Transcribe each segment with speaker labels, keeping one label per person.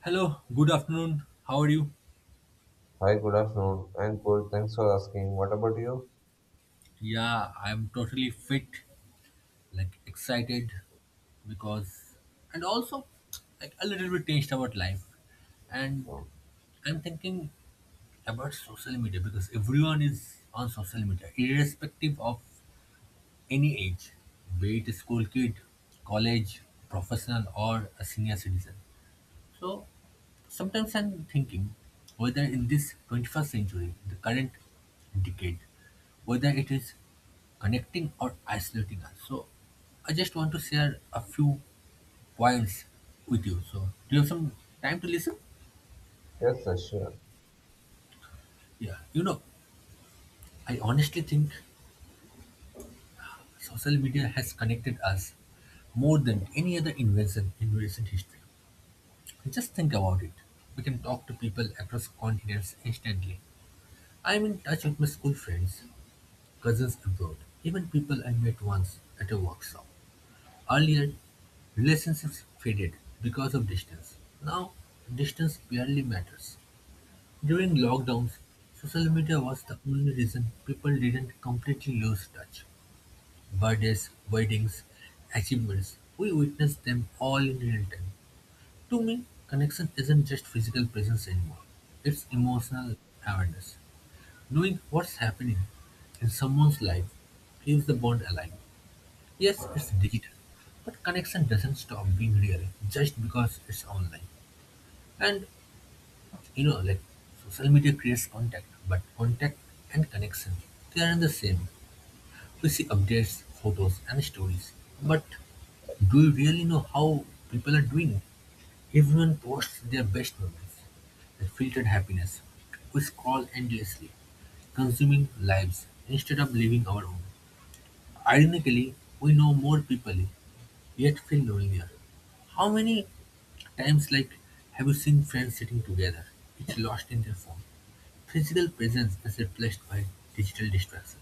Speaker 1: Hello, good afternoon. How are you?
Speaker 2: Hi, good afternoon. I'm good. Thanks for asking. What about you?
Speaker 1: Yeah, I'm totally fit, like excited because, and also like a little bit tensed about life. And I'm thinking about social media because everyone is on social media, irrespective of any age, be it a school kid, college, professional, or a senior citizen. So sometimes I'm thinking whether in this 21st century, the current decade, whether it is connecting or isolating us. So I just want to share a few points with you. So do you have some time to listen?
Speaker 2: Yes, sir, sure.
Speaker 1: Yeah. I honestly think social media has connected us more than any other invention in recent history. Just think about it. We can talk to people across continents instantly. I'm in touch with my school friends cousins abroad, even people I met once at a workshop. Earlier, relationships faded because of distance. Now, distance barely matters. During lockdowns, social media was the only reason people didn't completely lose touch. Birthdays, weddings, achievements, we witnessed them all in real time. To me, connection isn't just physical presence anymore, it's emotional awareness. Knowing what's happening in someone's life keeps the bond alive. Yes, it's digital, but connection doesn't stop being real just because it's online. And you know, like social media creates contact, but contact and connection they aren't the same. We see updates, photos, and stories, but do you really know how people are doing? Everyone posts their best moments, the filtered happiness. We scroll endlessly, consuming lives instead of living our own. Ironically, we know more people, yet feel lonelier. How many times like have you seen friends sitting together, each lost in their phone? Physical presence is replaced by digital distraction.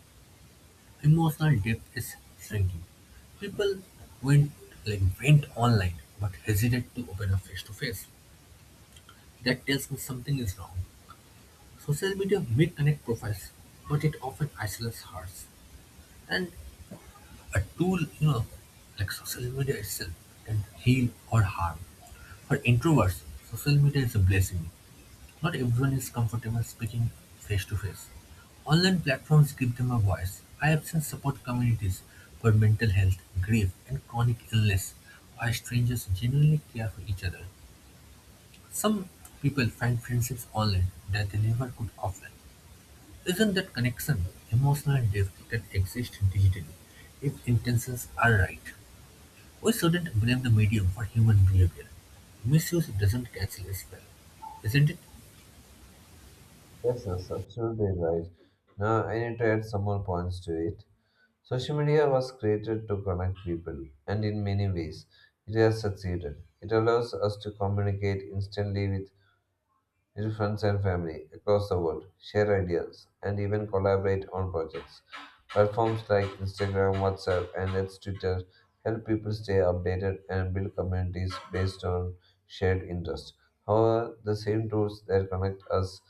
Speaker 1: Emotional depth is shrinking. People went went online but hesitate to open up face to face. That tells me something is wrong. Social media may connect profiles, but it often isolates hearts. And a tool, like social media itself can heal or harm. For introverts, social media is a blessing. Not everyone is comfortable speaking face to face. Online platforms give them a voice. I have seen support communities for mental health, grief, and chronic illness where strangers genuinely care for each other. Some people find friendships online that they never could offline. Isn't that connection, emotional depth that exists digitally if intentions are right? We shouldn't blame the medium for human behavior. Misuse doesn't cancel a spell, isn't it?
Speaker 2: Yes, that's absolutely right. Now, I need to add some more points to it. Social media was created to connect people, and in many ways, it has succeeded. It allows us to communicate instantly with meet friends and family across the world, share ideas, and even collaborate on projects. Platforms like Instagram, WhatsApp, and its Twitter help people stay updated and build communities based on shared interests. However, the same tools that connect us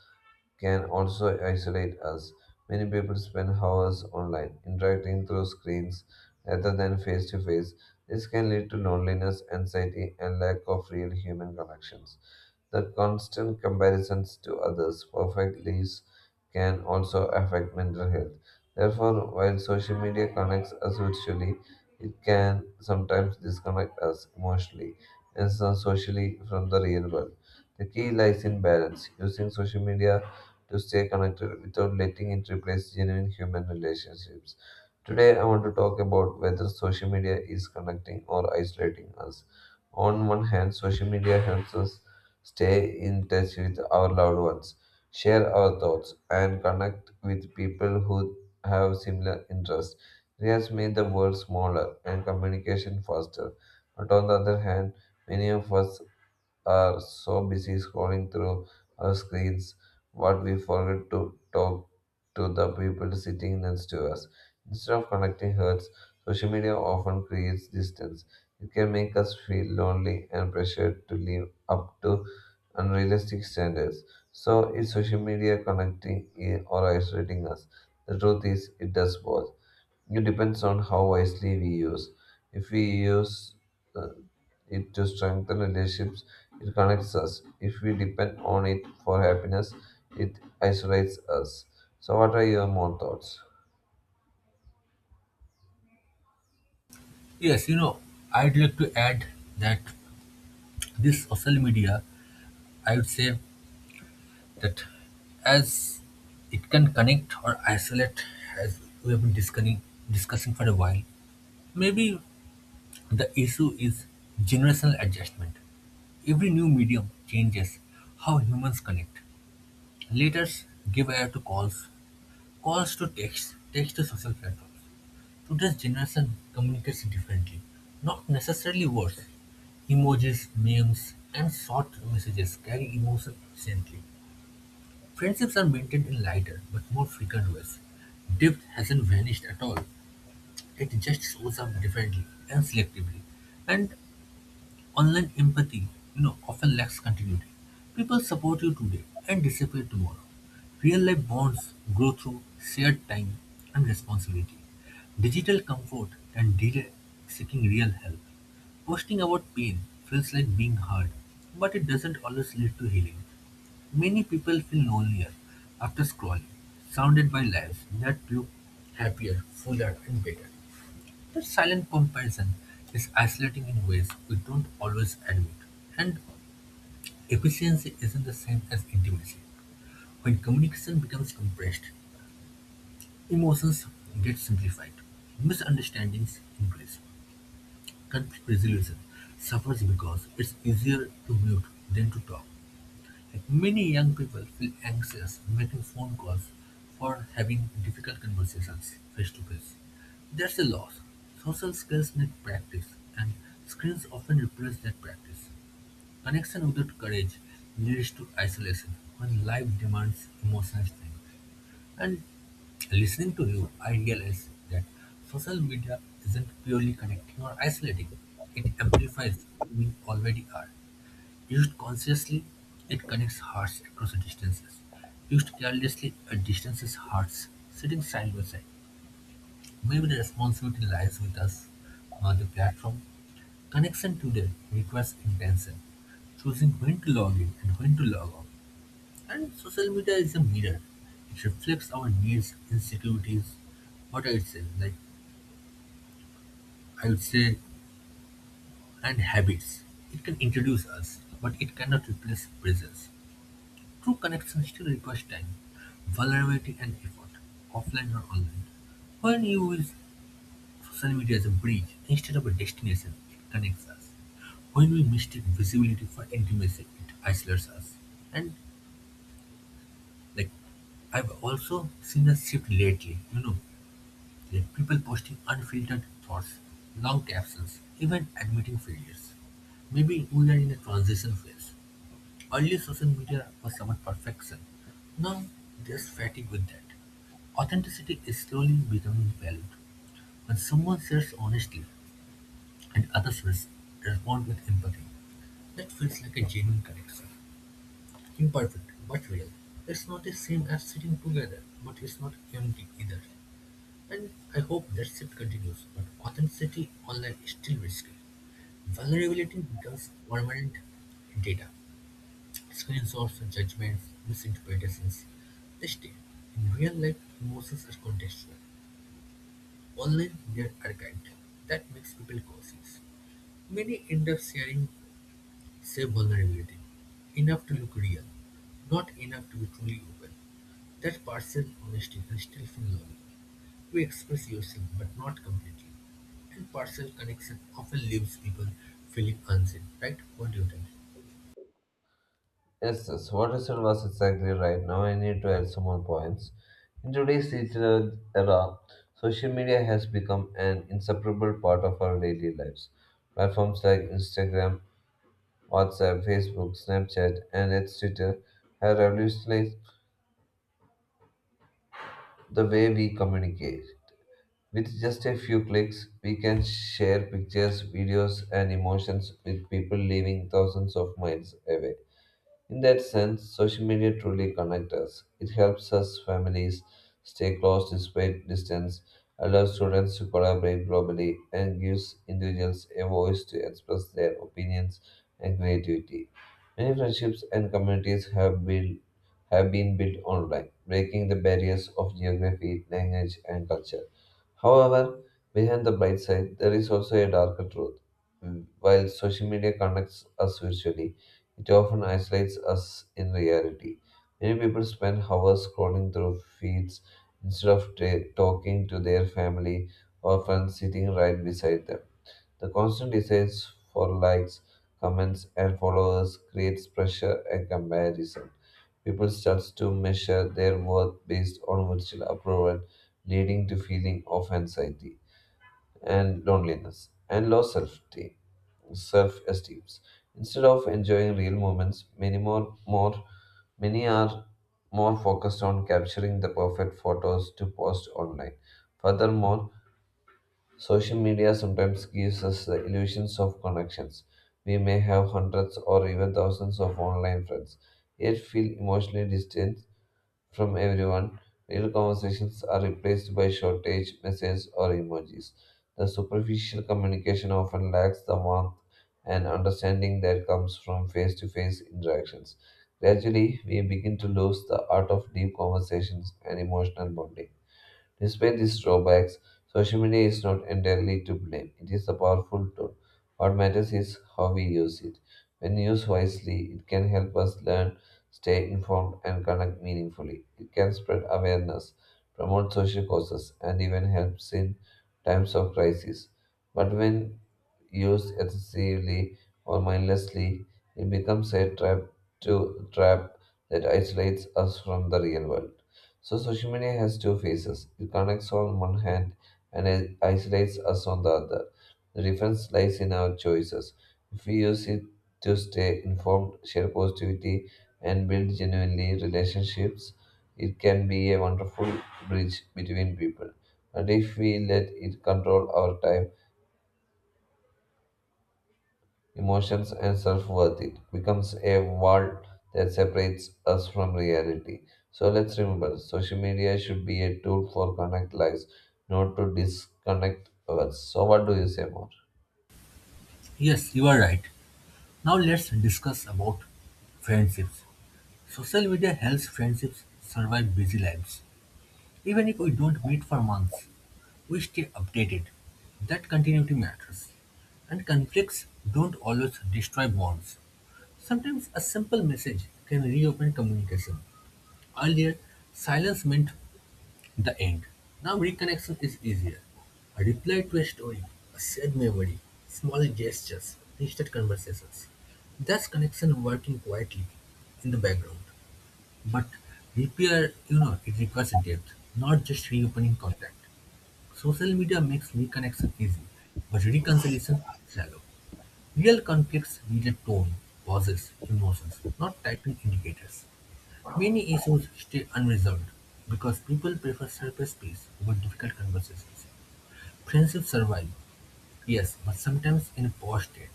Speaker 2: can also isolate us. Many people spend hours online, interacting through screens rather than face to face. This can lead to loneliness, anxiety, and lack of real human connections. The constant comparisons to others' perfect lives can also affect mental health. Therefore, while social media connects us virtually, it can sometimes disconnect us emotionally and socially from the real world. The key lies in balance, using social media to stay connected without letting it replace genuine human relationships. Today, I want to talk about whether social media is connecting or isolating us. On one hand, social media helps us stay in touch with our loved ones, share our thoughts, and connect with people who have similar interests. It has made the world smaller and communication faster. But on the other hand, many of us are so busy scrolling through our screens what we forget to talk to the people sitting next to us. Instead of connecting hearts, social media often creates distance. It can make us feel lonely and pressured to live up to unrealistic standards. So, is social media connecting or isolating us? The truth is, it does both. It depends on how wisely we use. If we use uh, it to strengthen relationships, it connects us. If we depend on it for happiness, it isolates us. So, what are your more thoughts?
Speaker 1: Yes, I'd like to add that this social media, I would say, that as it can connect or isolate, as we have been discussing for a while, maybe the issue is generational adjustment. Every new medium changes how humans connect. Letters give air to calls, calls to text, text to social platforms. Today's generation communicates differently, not necessarily worse. Emojis, memes, and short messages carry emotion instantly. Friendships are maintained in lighter but more frequent ways. Depth hasn't vanished at all. It just shows up differently and selectively. And online empathy, often lacks continuity. People support you today and disappear tomorrow. Real life bonds grow through shared time and responsibility. Digital comfort and delay seeking real help. Posting about pain feels like being hard, but it doesn't always lead to healing. Many people feel lonelier after scrolling, surrounded by lives that look happier, fuller, and better. That silent comparison is isolating in ways we don't always admit, and efficiency isn't the same as intimacy. When communication becomes compressed, emotions get simplified, misunderstandings increase, conflict resolution suffers because it's easier to mute than to talk. Like many young people feel anxious making phone calls for having difficult conversations face to face. That's a loss. Social skills need practice, and screens often replace that practice. Connection without courage leads to isolation when life demands emotional strength. And listening to you, I realize that social media isn't purely connecting or isolating, it amplifies who we already are. Used consciously, it connects hearts across distances; used carelessly, it distances hearts, sitting side by side. Maybe the responsibility lies with us, not the platform. Connection today requires intention, choosing when to log in and when to log off. And social media is a mirror. It reflects our needs, insecurities, what I would say, like I would say, and habits. It can introduce us, but it cannot replace presence. True connection still requires time, vulnerability and effort, offline or online. When you use social media as a bridge instead of a destination, it connects us. When we mistake visibility for intimacy, it isolates us. And like I've also seen a shift lately, like people posting unfiltered thoughts, long captions, even admitting failures. Maybe we are in a transition phase. Early social media was about perfection. Now there's fatigue with that. Authenticity is slowly becoming valued. When someone shares honestly and others respond with empathy, that feels like a genuine connection. Imperfect, but real. It's not the same as sitting together, but it's not empty either. And I hope that shift continues, but authenticity online is still risky. Vulnerability becomes permanent data. Screenshots, judgments, misinterpretations, they stay. In real life, emotions are contextual. Online, they are archived. That makes people cautious. Many end up sharing same vulnerability. Enough to look real, not enough to be truly open. That partial honesty can still feel loving. You express yourself, but not completely. And partial connection often leaves people feeling unseen, right? What do you think?
Speaker 2: Yes, yes, what you said was exactly right. Now I need to add some more points. In today's digital era, social media has become an inseparable part of our daily lives. Platforms like Instagram, WhatsApp, Facebook, Snapchat, and its Twitter have revolutionized the way we communicate. With just a few clicks, we can share pictures, videos, and emotions with people living thousands of miles away. In that sense, social media truly connects us. It helps us families stay close despite distance, allows students to collaborate globally, and gives individuals a voice to express their opinions and creativity. Many friendships and communities have built have been built online, breaking the barriers of geography, language, and culture. However, behind the bright side, there is also a darker truth. Mm. While social media connects us virtually, it often isolates us in reality. Many people spend hours scrolling through feeds instead of talking to their family or friends sitting right beside them. The constant desire for likes, comments, and followers creates pressure and comparison. People start to measure their worth based on virtual approval, leading to feeling of anxiety and loneliness and low self-esteem. Self-esteem. Instead of enjoying real moments, many are more focused on capturing the perfect photos to post online. Furthermore, social media sometimes gives us the illusions of connections. We may have hundreds or even thousands of online friends, yet feel emotionally distant from everyone. Real conversations are replaced by shortage messages or emojis. The superficial communication often lacks the warmth and understanding that comes from face to face interactions. Gradually, we begin to lose the art of deep conversations and emotional bonding. Despite these drawbacks, social media is not entirely to blame. It is a powerful tool. What matters is how we use it. When used wisely, it can help us learn, stay informed, and connect meaningfully. It can spread awareness, promote social causes, and even helps in times of crisis. But when used excessively or mindlessly, it becomes a trap that isolates us from the real world. So social media has two faces. It connects on one hand and it isolates us on the other. The difference lies in our choices. If we use it to stay informed, share positivity, and build genuinely relationships, it can be a wonderful bridge between people. But if we let it control our time, emotions, and self worth. It becomes a wall that separates us from reality. So let's remember social media should be a tool for connect lives, not to disconnect us. So, what do you say more?
Speaker 1: Yes, you are right. Now let's discuss about friendships. Social media helps friendships survive busy lives. Even if we don't meet for months, we stay updated. That continuity matters. And conflicts don't always destroy bonds. Sometimes a simple message can reopen communication. Earlier, silence meant the end. Now reconnection is easier. A reply to a story, a shared memory, small gestures, instant conversations. That's connection working quietly in the background. But repair, it requires depth, not just reopening contact. Social media makes reconnection easy, but reconciliation shallow. Real conflicts need a tone, pauses, emotions, not typing indicators. Many issues stay unresolved because people prefer surface peace over difficult conversations. Friendships survive, yes, but sometimes in a poor state,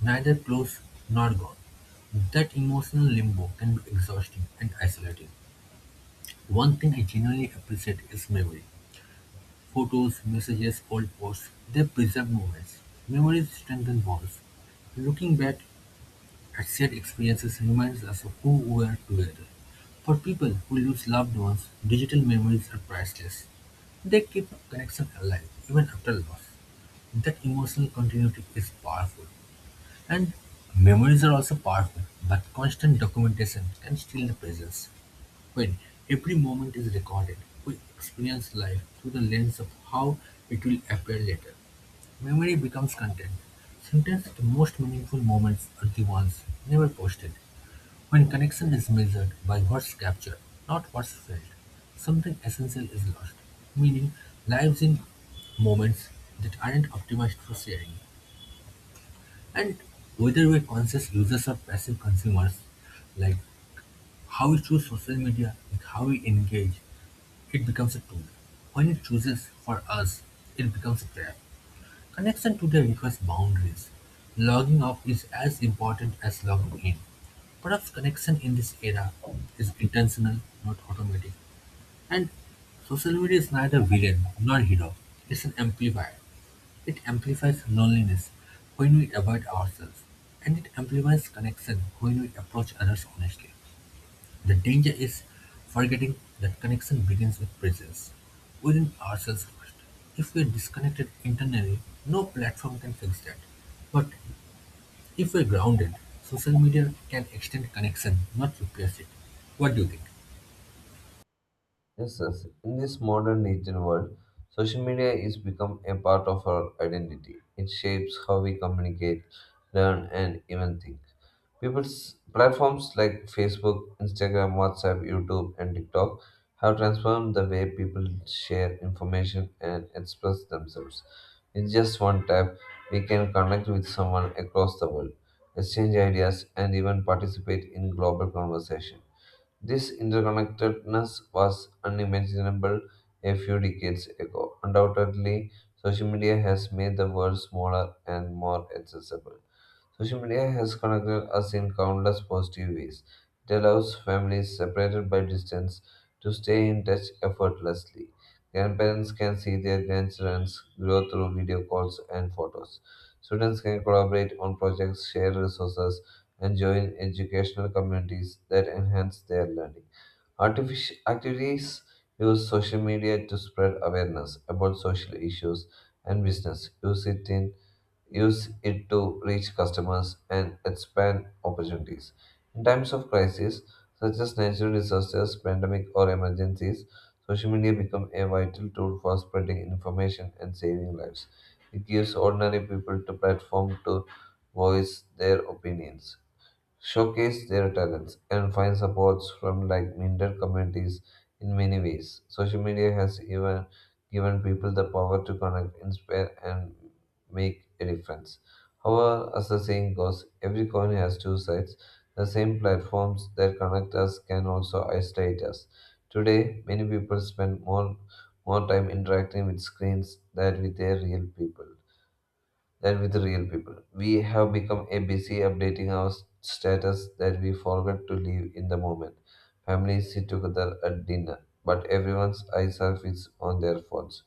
Speaker 1: neither close nor gone. That emotional limbo can be exhausting and isolating. One thing I genuinely appreciate is memory. Photos, messages, old posts, they preserve moments. Memories strengthen bonds. Looking back at shared experiences reminds us of who we were together. For people who lose loved ones, digital memories are priceless. They keep connection alive even after loss. That emotional continuity is powerful. And memories are also powerful, but constant documentation can steal the presence. When every moment is recorded, we experience life through the lens of how it will appear later. Memory becomes content. Sometimes the most meaningful moments are the ones never posted. When connection is measured by what's captured, not what's felt, something essential is lost, meaning lives in moments that aren't optimized for sharing. And whether we're conscious users or passive consumers, like how we choose social media, like how we engage, it becomes a tool; when it chooses for us, it becomes a trap. Connection today requires boundaries. Logging off is as important as logging in. Perhaps connection in this era is intentional, not automatic. And social media is neither villain nor hero. It's an amplifier. It amplifies loneliness when we avoid ourselves, and it amplifies connection when we approach others honestly. The danger is forgetting that connection begins with presence, within ourselves first. If we are disconnected internally, no platform can fix that. But if we are grounded, social media can extend connection, not replace it. What do you think?
Speaker 2: Yes, yes. In this modern digital world, social media is become a part of our identity. It shapes how we communicate, learn, and even think. People's platforms like Facebook, Instagram, WhatsApp, YouTube, and TikTok have transformed the way people share information and express themselves. In just one tap, we can connect with someone across the world, exchange ideas, and even participate in global conversation. This interconnectedness was unimaginable a few decades ago. Undoubtedly, social media has made the world smaller and more accessible. Social media has connected us in countless positive ways. It allows families separated by distance to stay in touch effortlessly. Grandparents can see their grandchildren grow through video calls and photos. Students can collaborate on projects, share resources, and join educational communities that enhance their learning. Artificial activities use social media to spread awareness about social issues and business. Use it to reach customers and expand opportunities. In times of crisis, such as natural disasters, pandemic, or emergencies, social media becomes a vital tool for spreading information and saving lives. It gives ordinary people to platform to voice their opinions showcase their talents, and find supports from like minded communities in many ways. Social media has even given people the power to connect, inspire, and make a difference. However, as the saying goes, every coin has two sides. The same platforms that connect us can also isolate us. Today, many people spend more time interacting with screens than with their real people than with real people. We have become a busy updating our status that we forget to live in the moment. Families sit together at dinner, but everyone's eyes are fixed on their phones.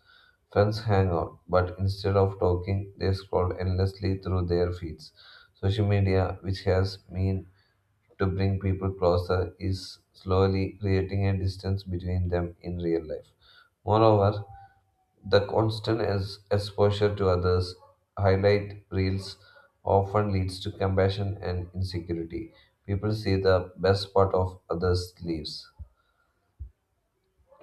Speaker 2: Friends hang out, but instead of talking, they scroll endlessly through their feeds. Social media, which has mean to bring people closer, is slowly creating a distance between them in real life. Moreover, the constant exposure to others' highlight reels often leads to compassion and insecurity. People see the best part of others' lives.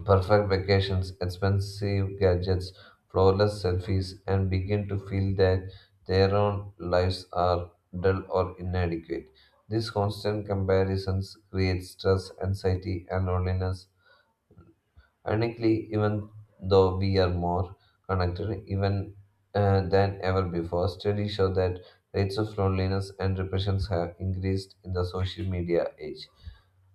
Speaker 2: Perfect vacations, expensive gadgets, flawless selfies, and begin to feel that their own lives are dull or inadequate. These constant comparisons create stress, anxiety, and loneliness. Ironically, even though we are more connected even than ever before, studies show that rates of loneliness and repressions have increased in the social media age.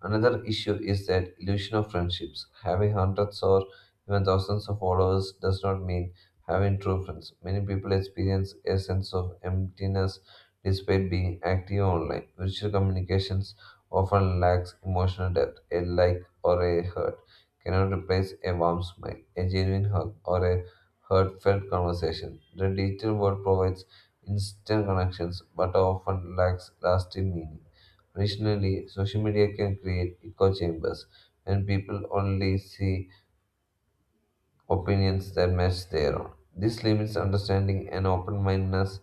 Speaker 2: Another issue is that illusion of friendships. Having hundreds or even thousands of followers does not mean having true friends. Many people experience a sense of emptiness despite being active online. Virtual communications often lacks emotional depth, a like or a hurt cannot replace a warm smile, a genuine hug, or a heartfelt conversation. The digital world provides instant connections but often lacks lasting meaning. Additionally, social media can create echo chambers when people only see opinions that match their own. This limits understanding and open mindedness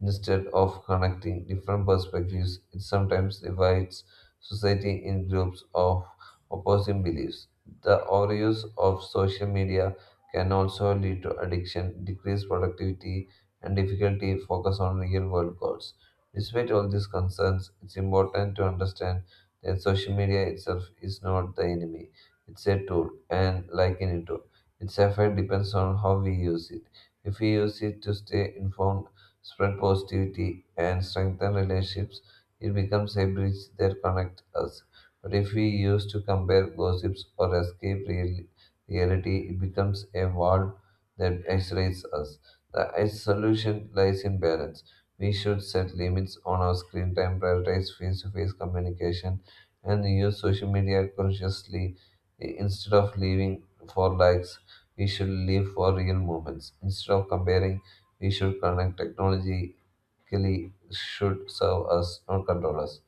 Speaker 2: instead of connecting different perspectives. It sometimes divides society in groups of opposing beliefs. The overuse of social media can also lead to addiction, decreased productivity, and difficulty focus on real world goals. Despite all these concerns, it's important to understand that social media itself is not the enemy. It's a tool, and like any tool its effect depends on how we use it. If we use it to stay informed, spread positivity, and strengthen relationships, it becomes a bridge that connects us. But if we use to compare gossips or escape real- reality, it becomes a wall that isolates us. The solution lies in balance. We should set limits on our screen time, prioritize face to face communication, and use social media consciously instead of living for likes we should live for real moments. Instead of comparing, we should connect. Technologically should serve us, not control us.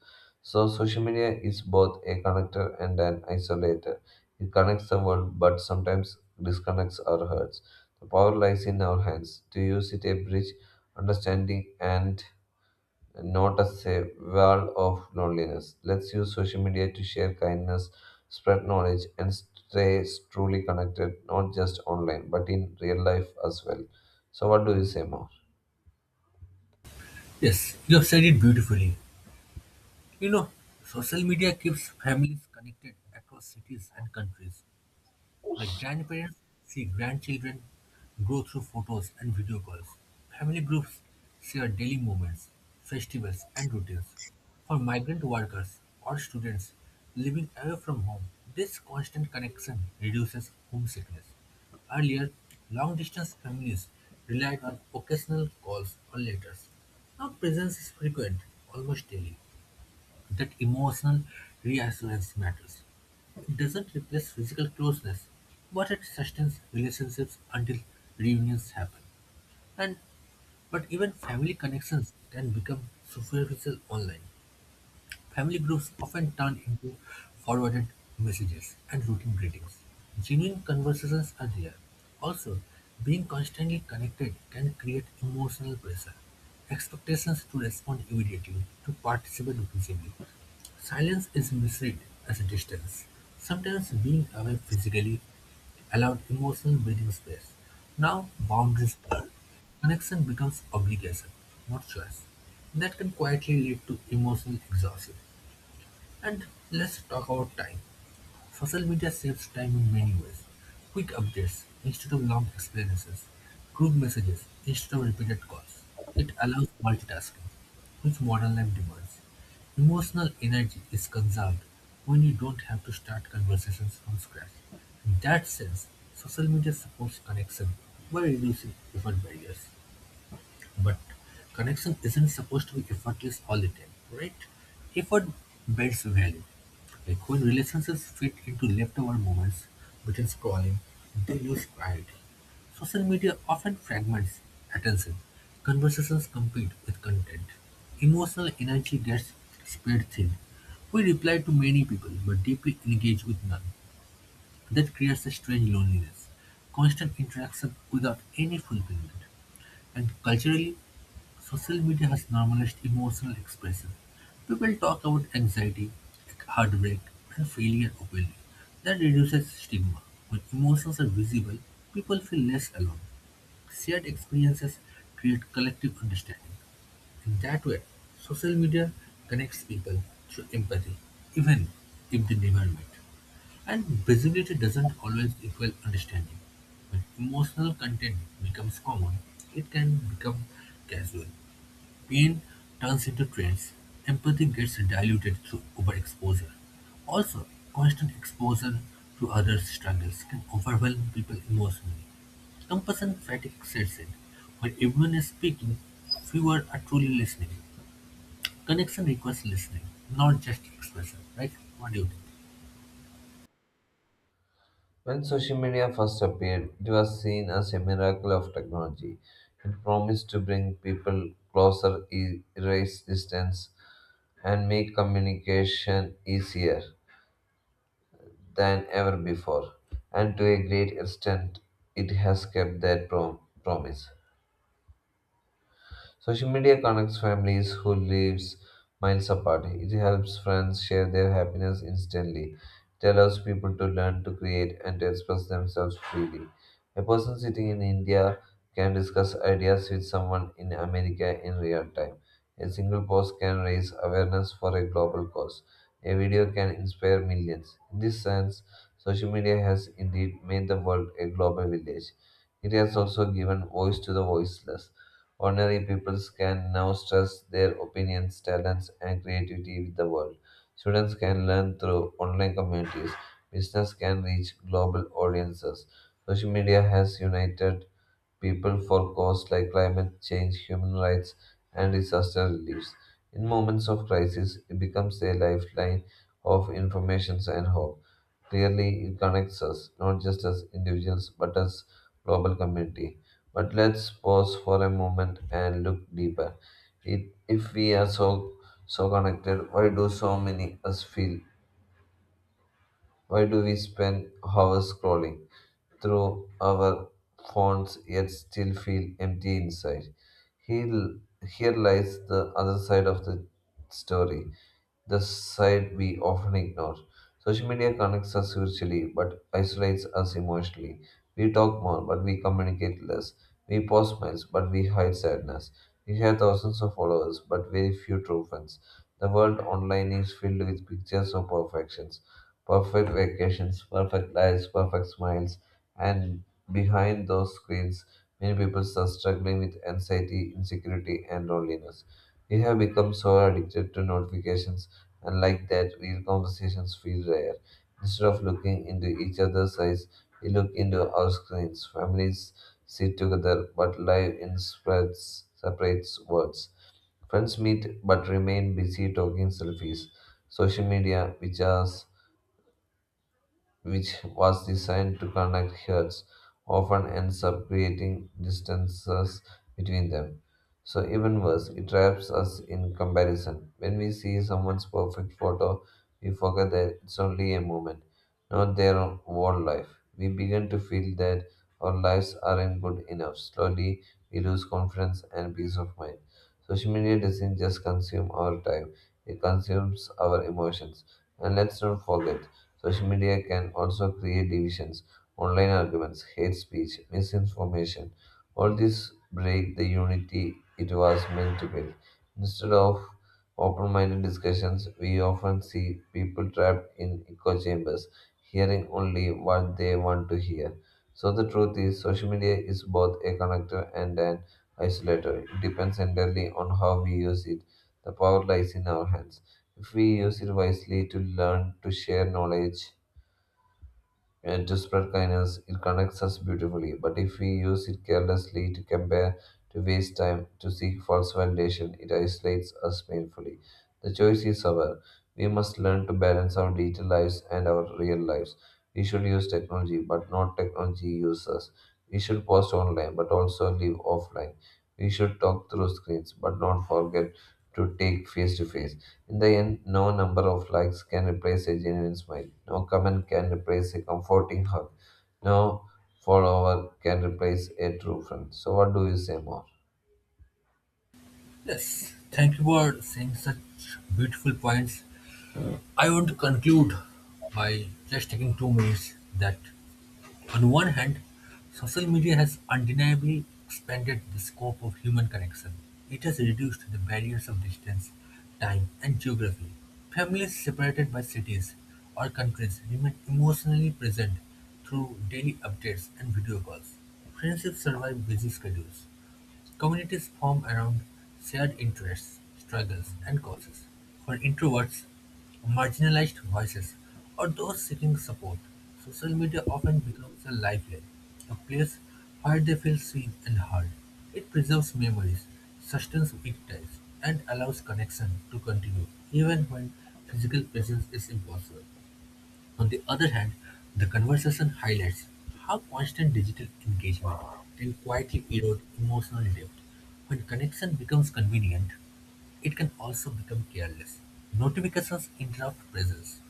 Speaker 2: So social media is both a connector and an isolator. It connects the world, but sometimes disconnects our hearts. The power lies in our hands to use it a bridge, understanding, and not as a wall of loneliness. Let's use social media to share kindness, spread knowledge, and stay truly connected, not just online, but in real life as well. So, what do you say more?
Speaker 1: Yes, you have said it beautifully. You know, social media keeps families connected across cities and countries. While grandparents see grandchildren grow through photos and video calls, family groups share daily moments, festivals, and routines. For migrant workers or students living away from home, this constant connection reduces homesickness. Earlier, long distance families relied on occasional calls or letters. Now, presence is frequent, almost daily. That emotional reassurance matters. It doesn't replace physical closeness, but it sustains relationships until reunions happen. And but even family connections can become superficial online. Family groups often turn into forwarded messages and routine greetings. Genuine conversations are rare. Also, being constantly connected can create emotional pressure expectations to respond immediately, to participate visibly. Silence is perceived as distance, sometimes being away physically allowed emotional breathing space. Now boundaries blur. Connection becomes obligation, not choice. That can quietly lead to emotional exhaustion. And let's talk about time. Social media saves time in many ways. Quick updates instead of long explanations. Group messages instead of repeated calls. It allows multitasking, which modern life demands. Emotional energy is conserved when you don't have to start conversations from scratch. In that sense, social media supports connection by reducing effort barriers. But connection isn't supposed to be effortless all the time, right? Effort builds value. Like when relationships fit into leftover moments between scrolling, they lose priority. Social media often fragments attention. Conversations compete with content. Emotional energy gets spread thin. We reply to many people but deeply engage with none. That creates a strange loneliness, constant interaction without any fulfillment. And culturally, social media has normalized emotional expression. People talk about anxiety, heartbreak, and failure openly. That reduces stigma. When emotions are visible, people feel less alone. Shared experiences create collective understanding. In that way, social media connects people through empathy, even if they never met. And visibility doesn't always equal understanding. When emotional content becomes common, it can become casual. Pain turns into traits. Empathy gets diluted through overexposure. Also, constant exposure to others' struggles can overwhelm people emotionally. Compassion fatigue sets in. When everyone is speaking, fewer are truly listening. Connection requires listening, not just expression, right? What do you think?
Speaker 2: When social media first appeared, it was seen as a miracle of technology. It promised to bring people closer, erase distance, and make communication easier. Than ever before, and to a great extent, it has kept that promise. Social media connects families who lives miles apart. It helps friends share their happiness instantly. It allows people to learn to create and to express themselves freely. A person sitting in India can discuss ideas with someone in America in real time. A single post can raise awareness for a global cause. A video can inspire millions. In this sense, social media has indeed made the world a global village. It has also given voice to the voiceless. Ordinary people can now stress their opinions, talents, and creativity with the world. Students can learn through online communities. Business can reach global audiences. Social media has united people for causes like climate change, human rights, and disaster relief. In moments of crisis, it becomes a lifeline of information and hope. Clearly, it connects us, not just as individuals, but as global community. But let's pause for a moment and look deeper. It, if we are so connected, why do so many us feel? Why do we spend hours scrolling through our phones yet still feel empty inside? Here, here lies the other side of the story, the side we often ignore. Social media connects us virtually but isolates us emotionally. We talk more but we communicate less. We post smiles but we hide sadness. We have thousands of followers but very few true friends. The world online is filled with pictures of perfections, perfect vacations, perfect lives, perfect smiles, and behind those screens, many people are struggling with anxiety, insecurity, and loneliness. We have become so addicted to notifications, and like that, real conversations feel rare. Instead of looking into each other's eyes, we look into our screens. Families sit together but live in spreads, separate worlds. Friends meet but remain busy talking selfies. Social media, which was designed to connect herds, often ends up creating distances between them. So, even worse, it traps us in comparison. When we see someone's perfect photo, we forget that it's only a moment, not their whole life. We begin to feel that our lives aren't good enough. Slowly, we lose confidence and peace of mind. Social media doesn't just consume our time, it consumes our emotions. And let's not forget, social media can also create divisions, online arguments, hate speech, misinformation. All this break the unity it was meant to build. Instead of open minded discussions, we often see people trapped in echo chambers, hearing only what they want to hear. So, the truth is, social media is both a connector and an isolator. It depends entirely on how we use it. The power lies in our hands. If we use it wisely to learn, to share knowledge, and to spread kindness, it connects us beautifully. But if we use it carelessly, to compare, to waste time, to seek false validation, it isolates us painfully. The choice is ours. We must learn to balance our digital lives and our real lives. We should use technology, but not technology use us. We should post online, but also live offline. We should talk through screens, but not forget to take face to face. In the end, no number of likes can replace a genuine smile. No comment can replace a comforting hug. No follower can replace a true friend. So, what do you say more?
Speaker 1: Yes, thank you for saying such beautiful points. I want to conclude by just taking 2 minutes, that on one hand, social media has undeniably expanded the scope of human connection. It has reduced the barriers of distance, time, and geography. Families separated by cities or countries remain emotionally present through daily updates and video calls. Friendships survive busy schedules. Communities form around shared interests, struggles, and causes. For introverts, marginalized voices, or those seeking support, social media often becomes a lifeline, a place where they feel seen and heard. It preserves memories, sustains weak ties, and allows connection to continue even when physical presence is impossible. On the other hand, the conversation highlights how constant digital engagement can quietly erode emotional depth. When connection becomes convenient, it can also become careless. Notifications interrupt presence.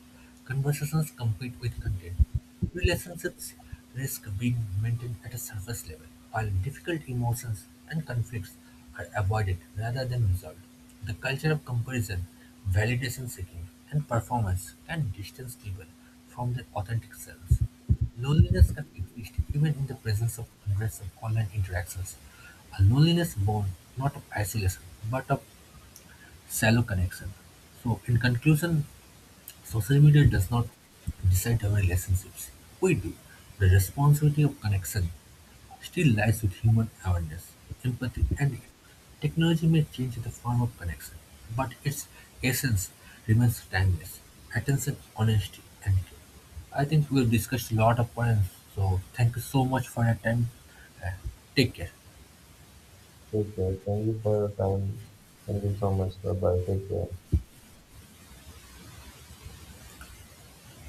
Speaker 1: Conversations compete with content. Relationships risk being maintained at a surface level, while difficult emotions and conflicts are avoided rather than resolved. The culture of comparison, validation seeking, and performance can distance people from their authentic selves. Loneliness can exist even in the presence of hundreds of online interactions. A loneliness born not of isolation but of shallow connection. So, in conclusion, social media does not decide our relationships. We do. The responsibility of connection still lies with human awareness, empathy, and technology may change the form of connection, but its essence remains timeless. Attention, honesty, and care. I think we've discussed a lot of points, so thank you so much for your time. Uh, Take care.
Speaker 2: Take care. Thank you for your time. Thank you so much. Bye bye. Take care.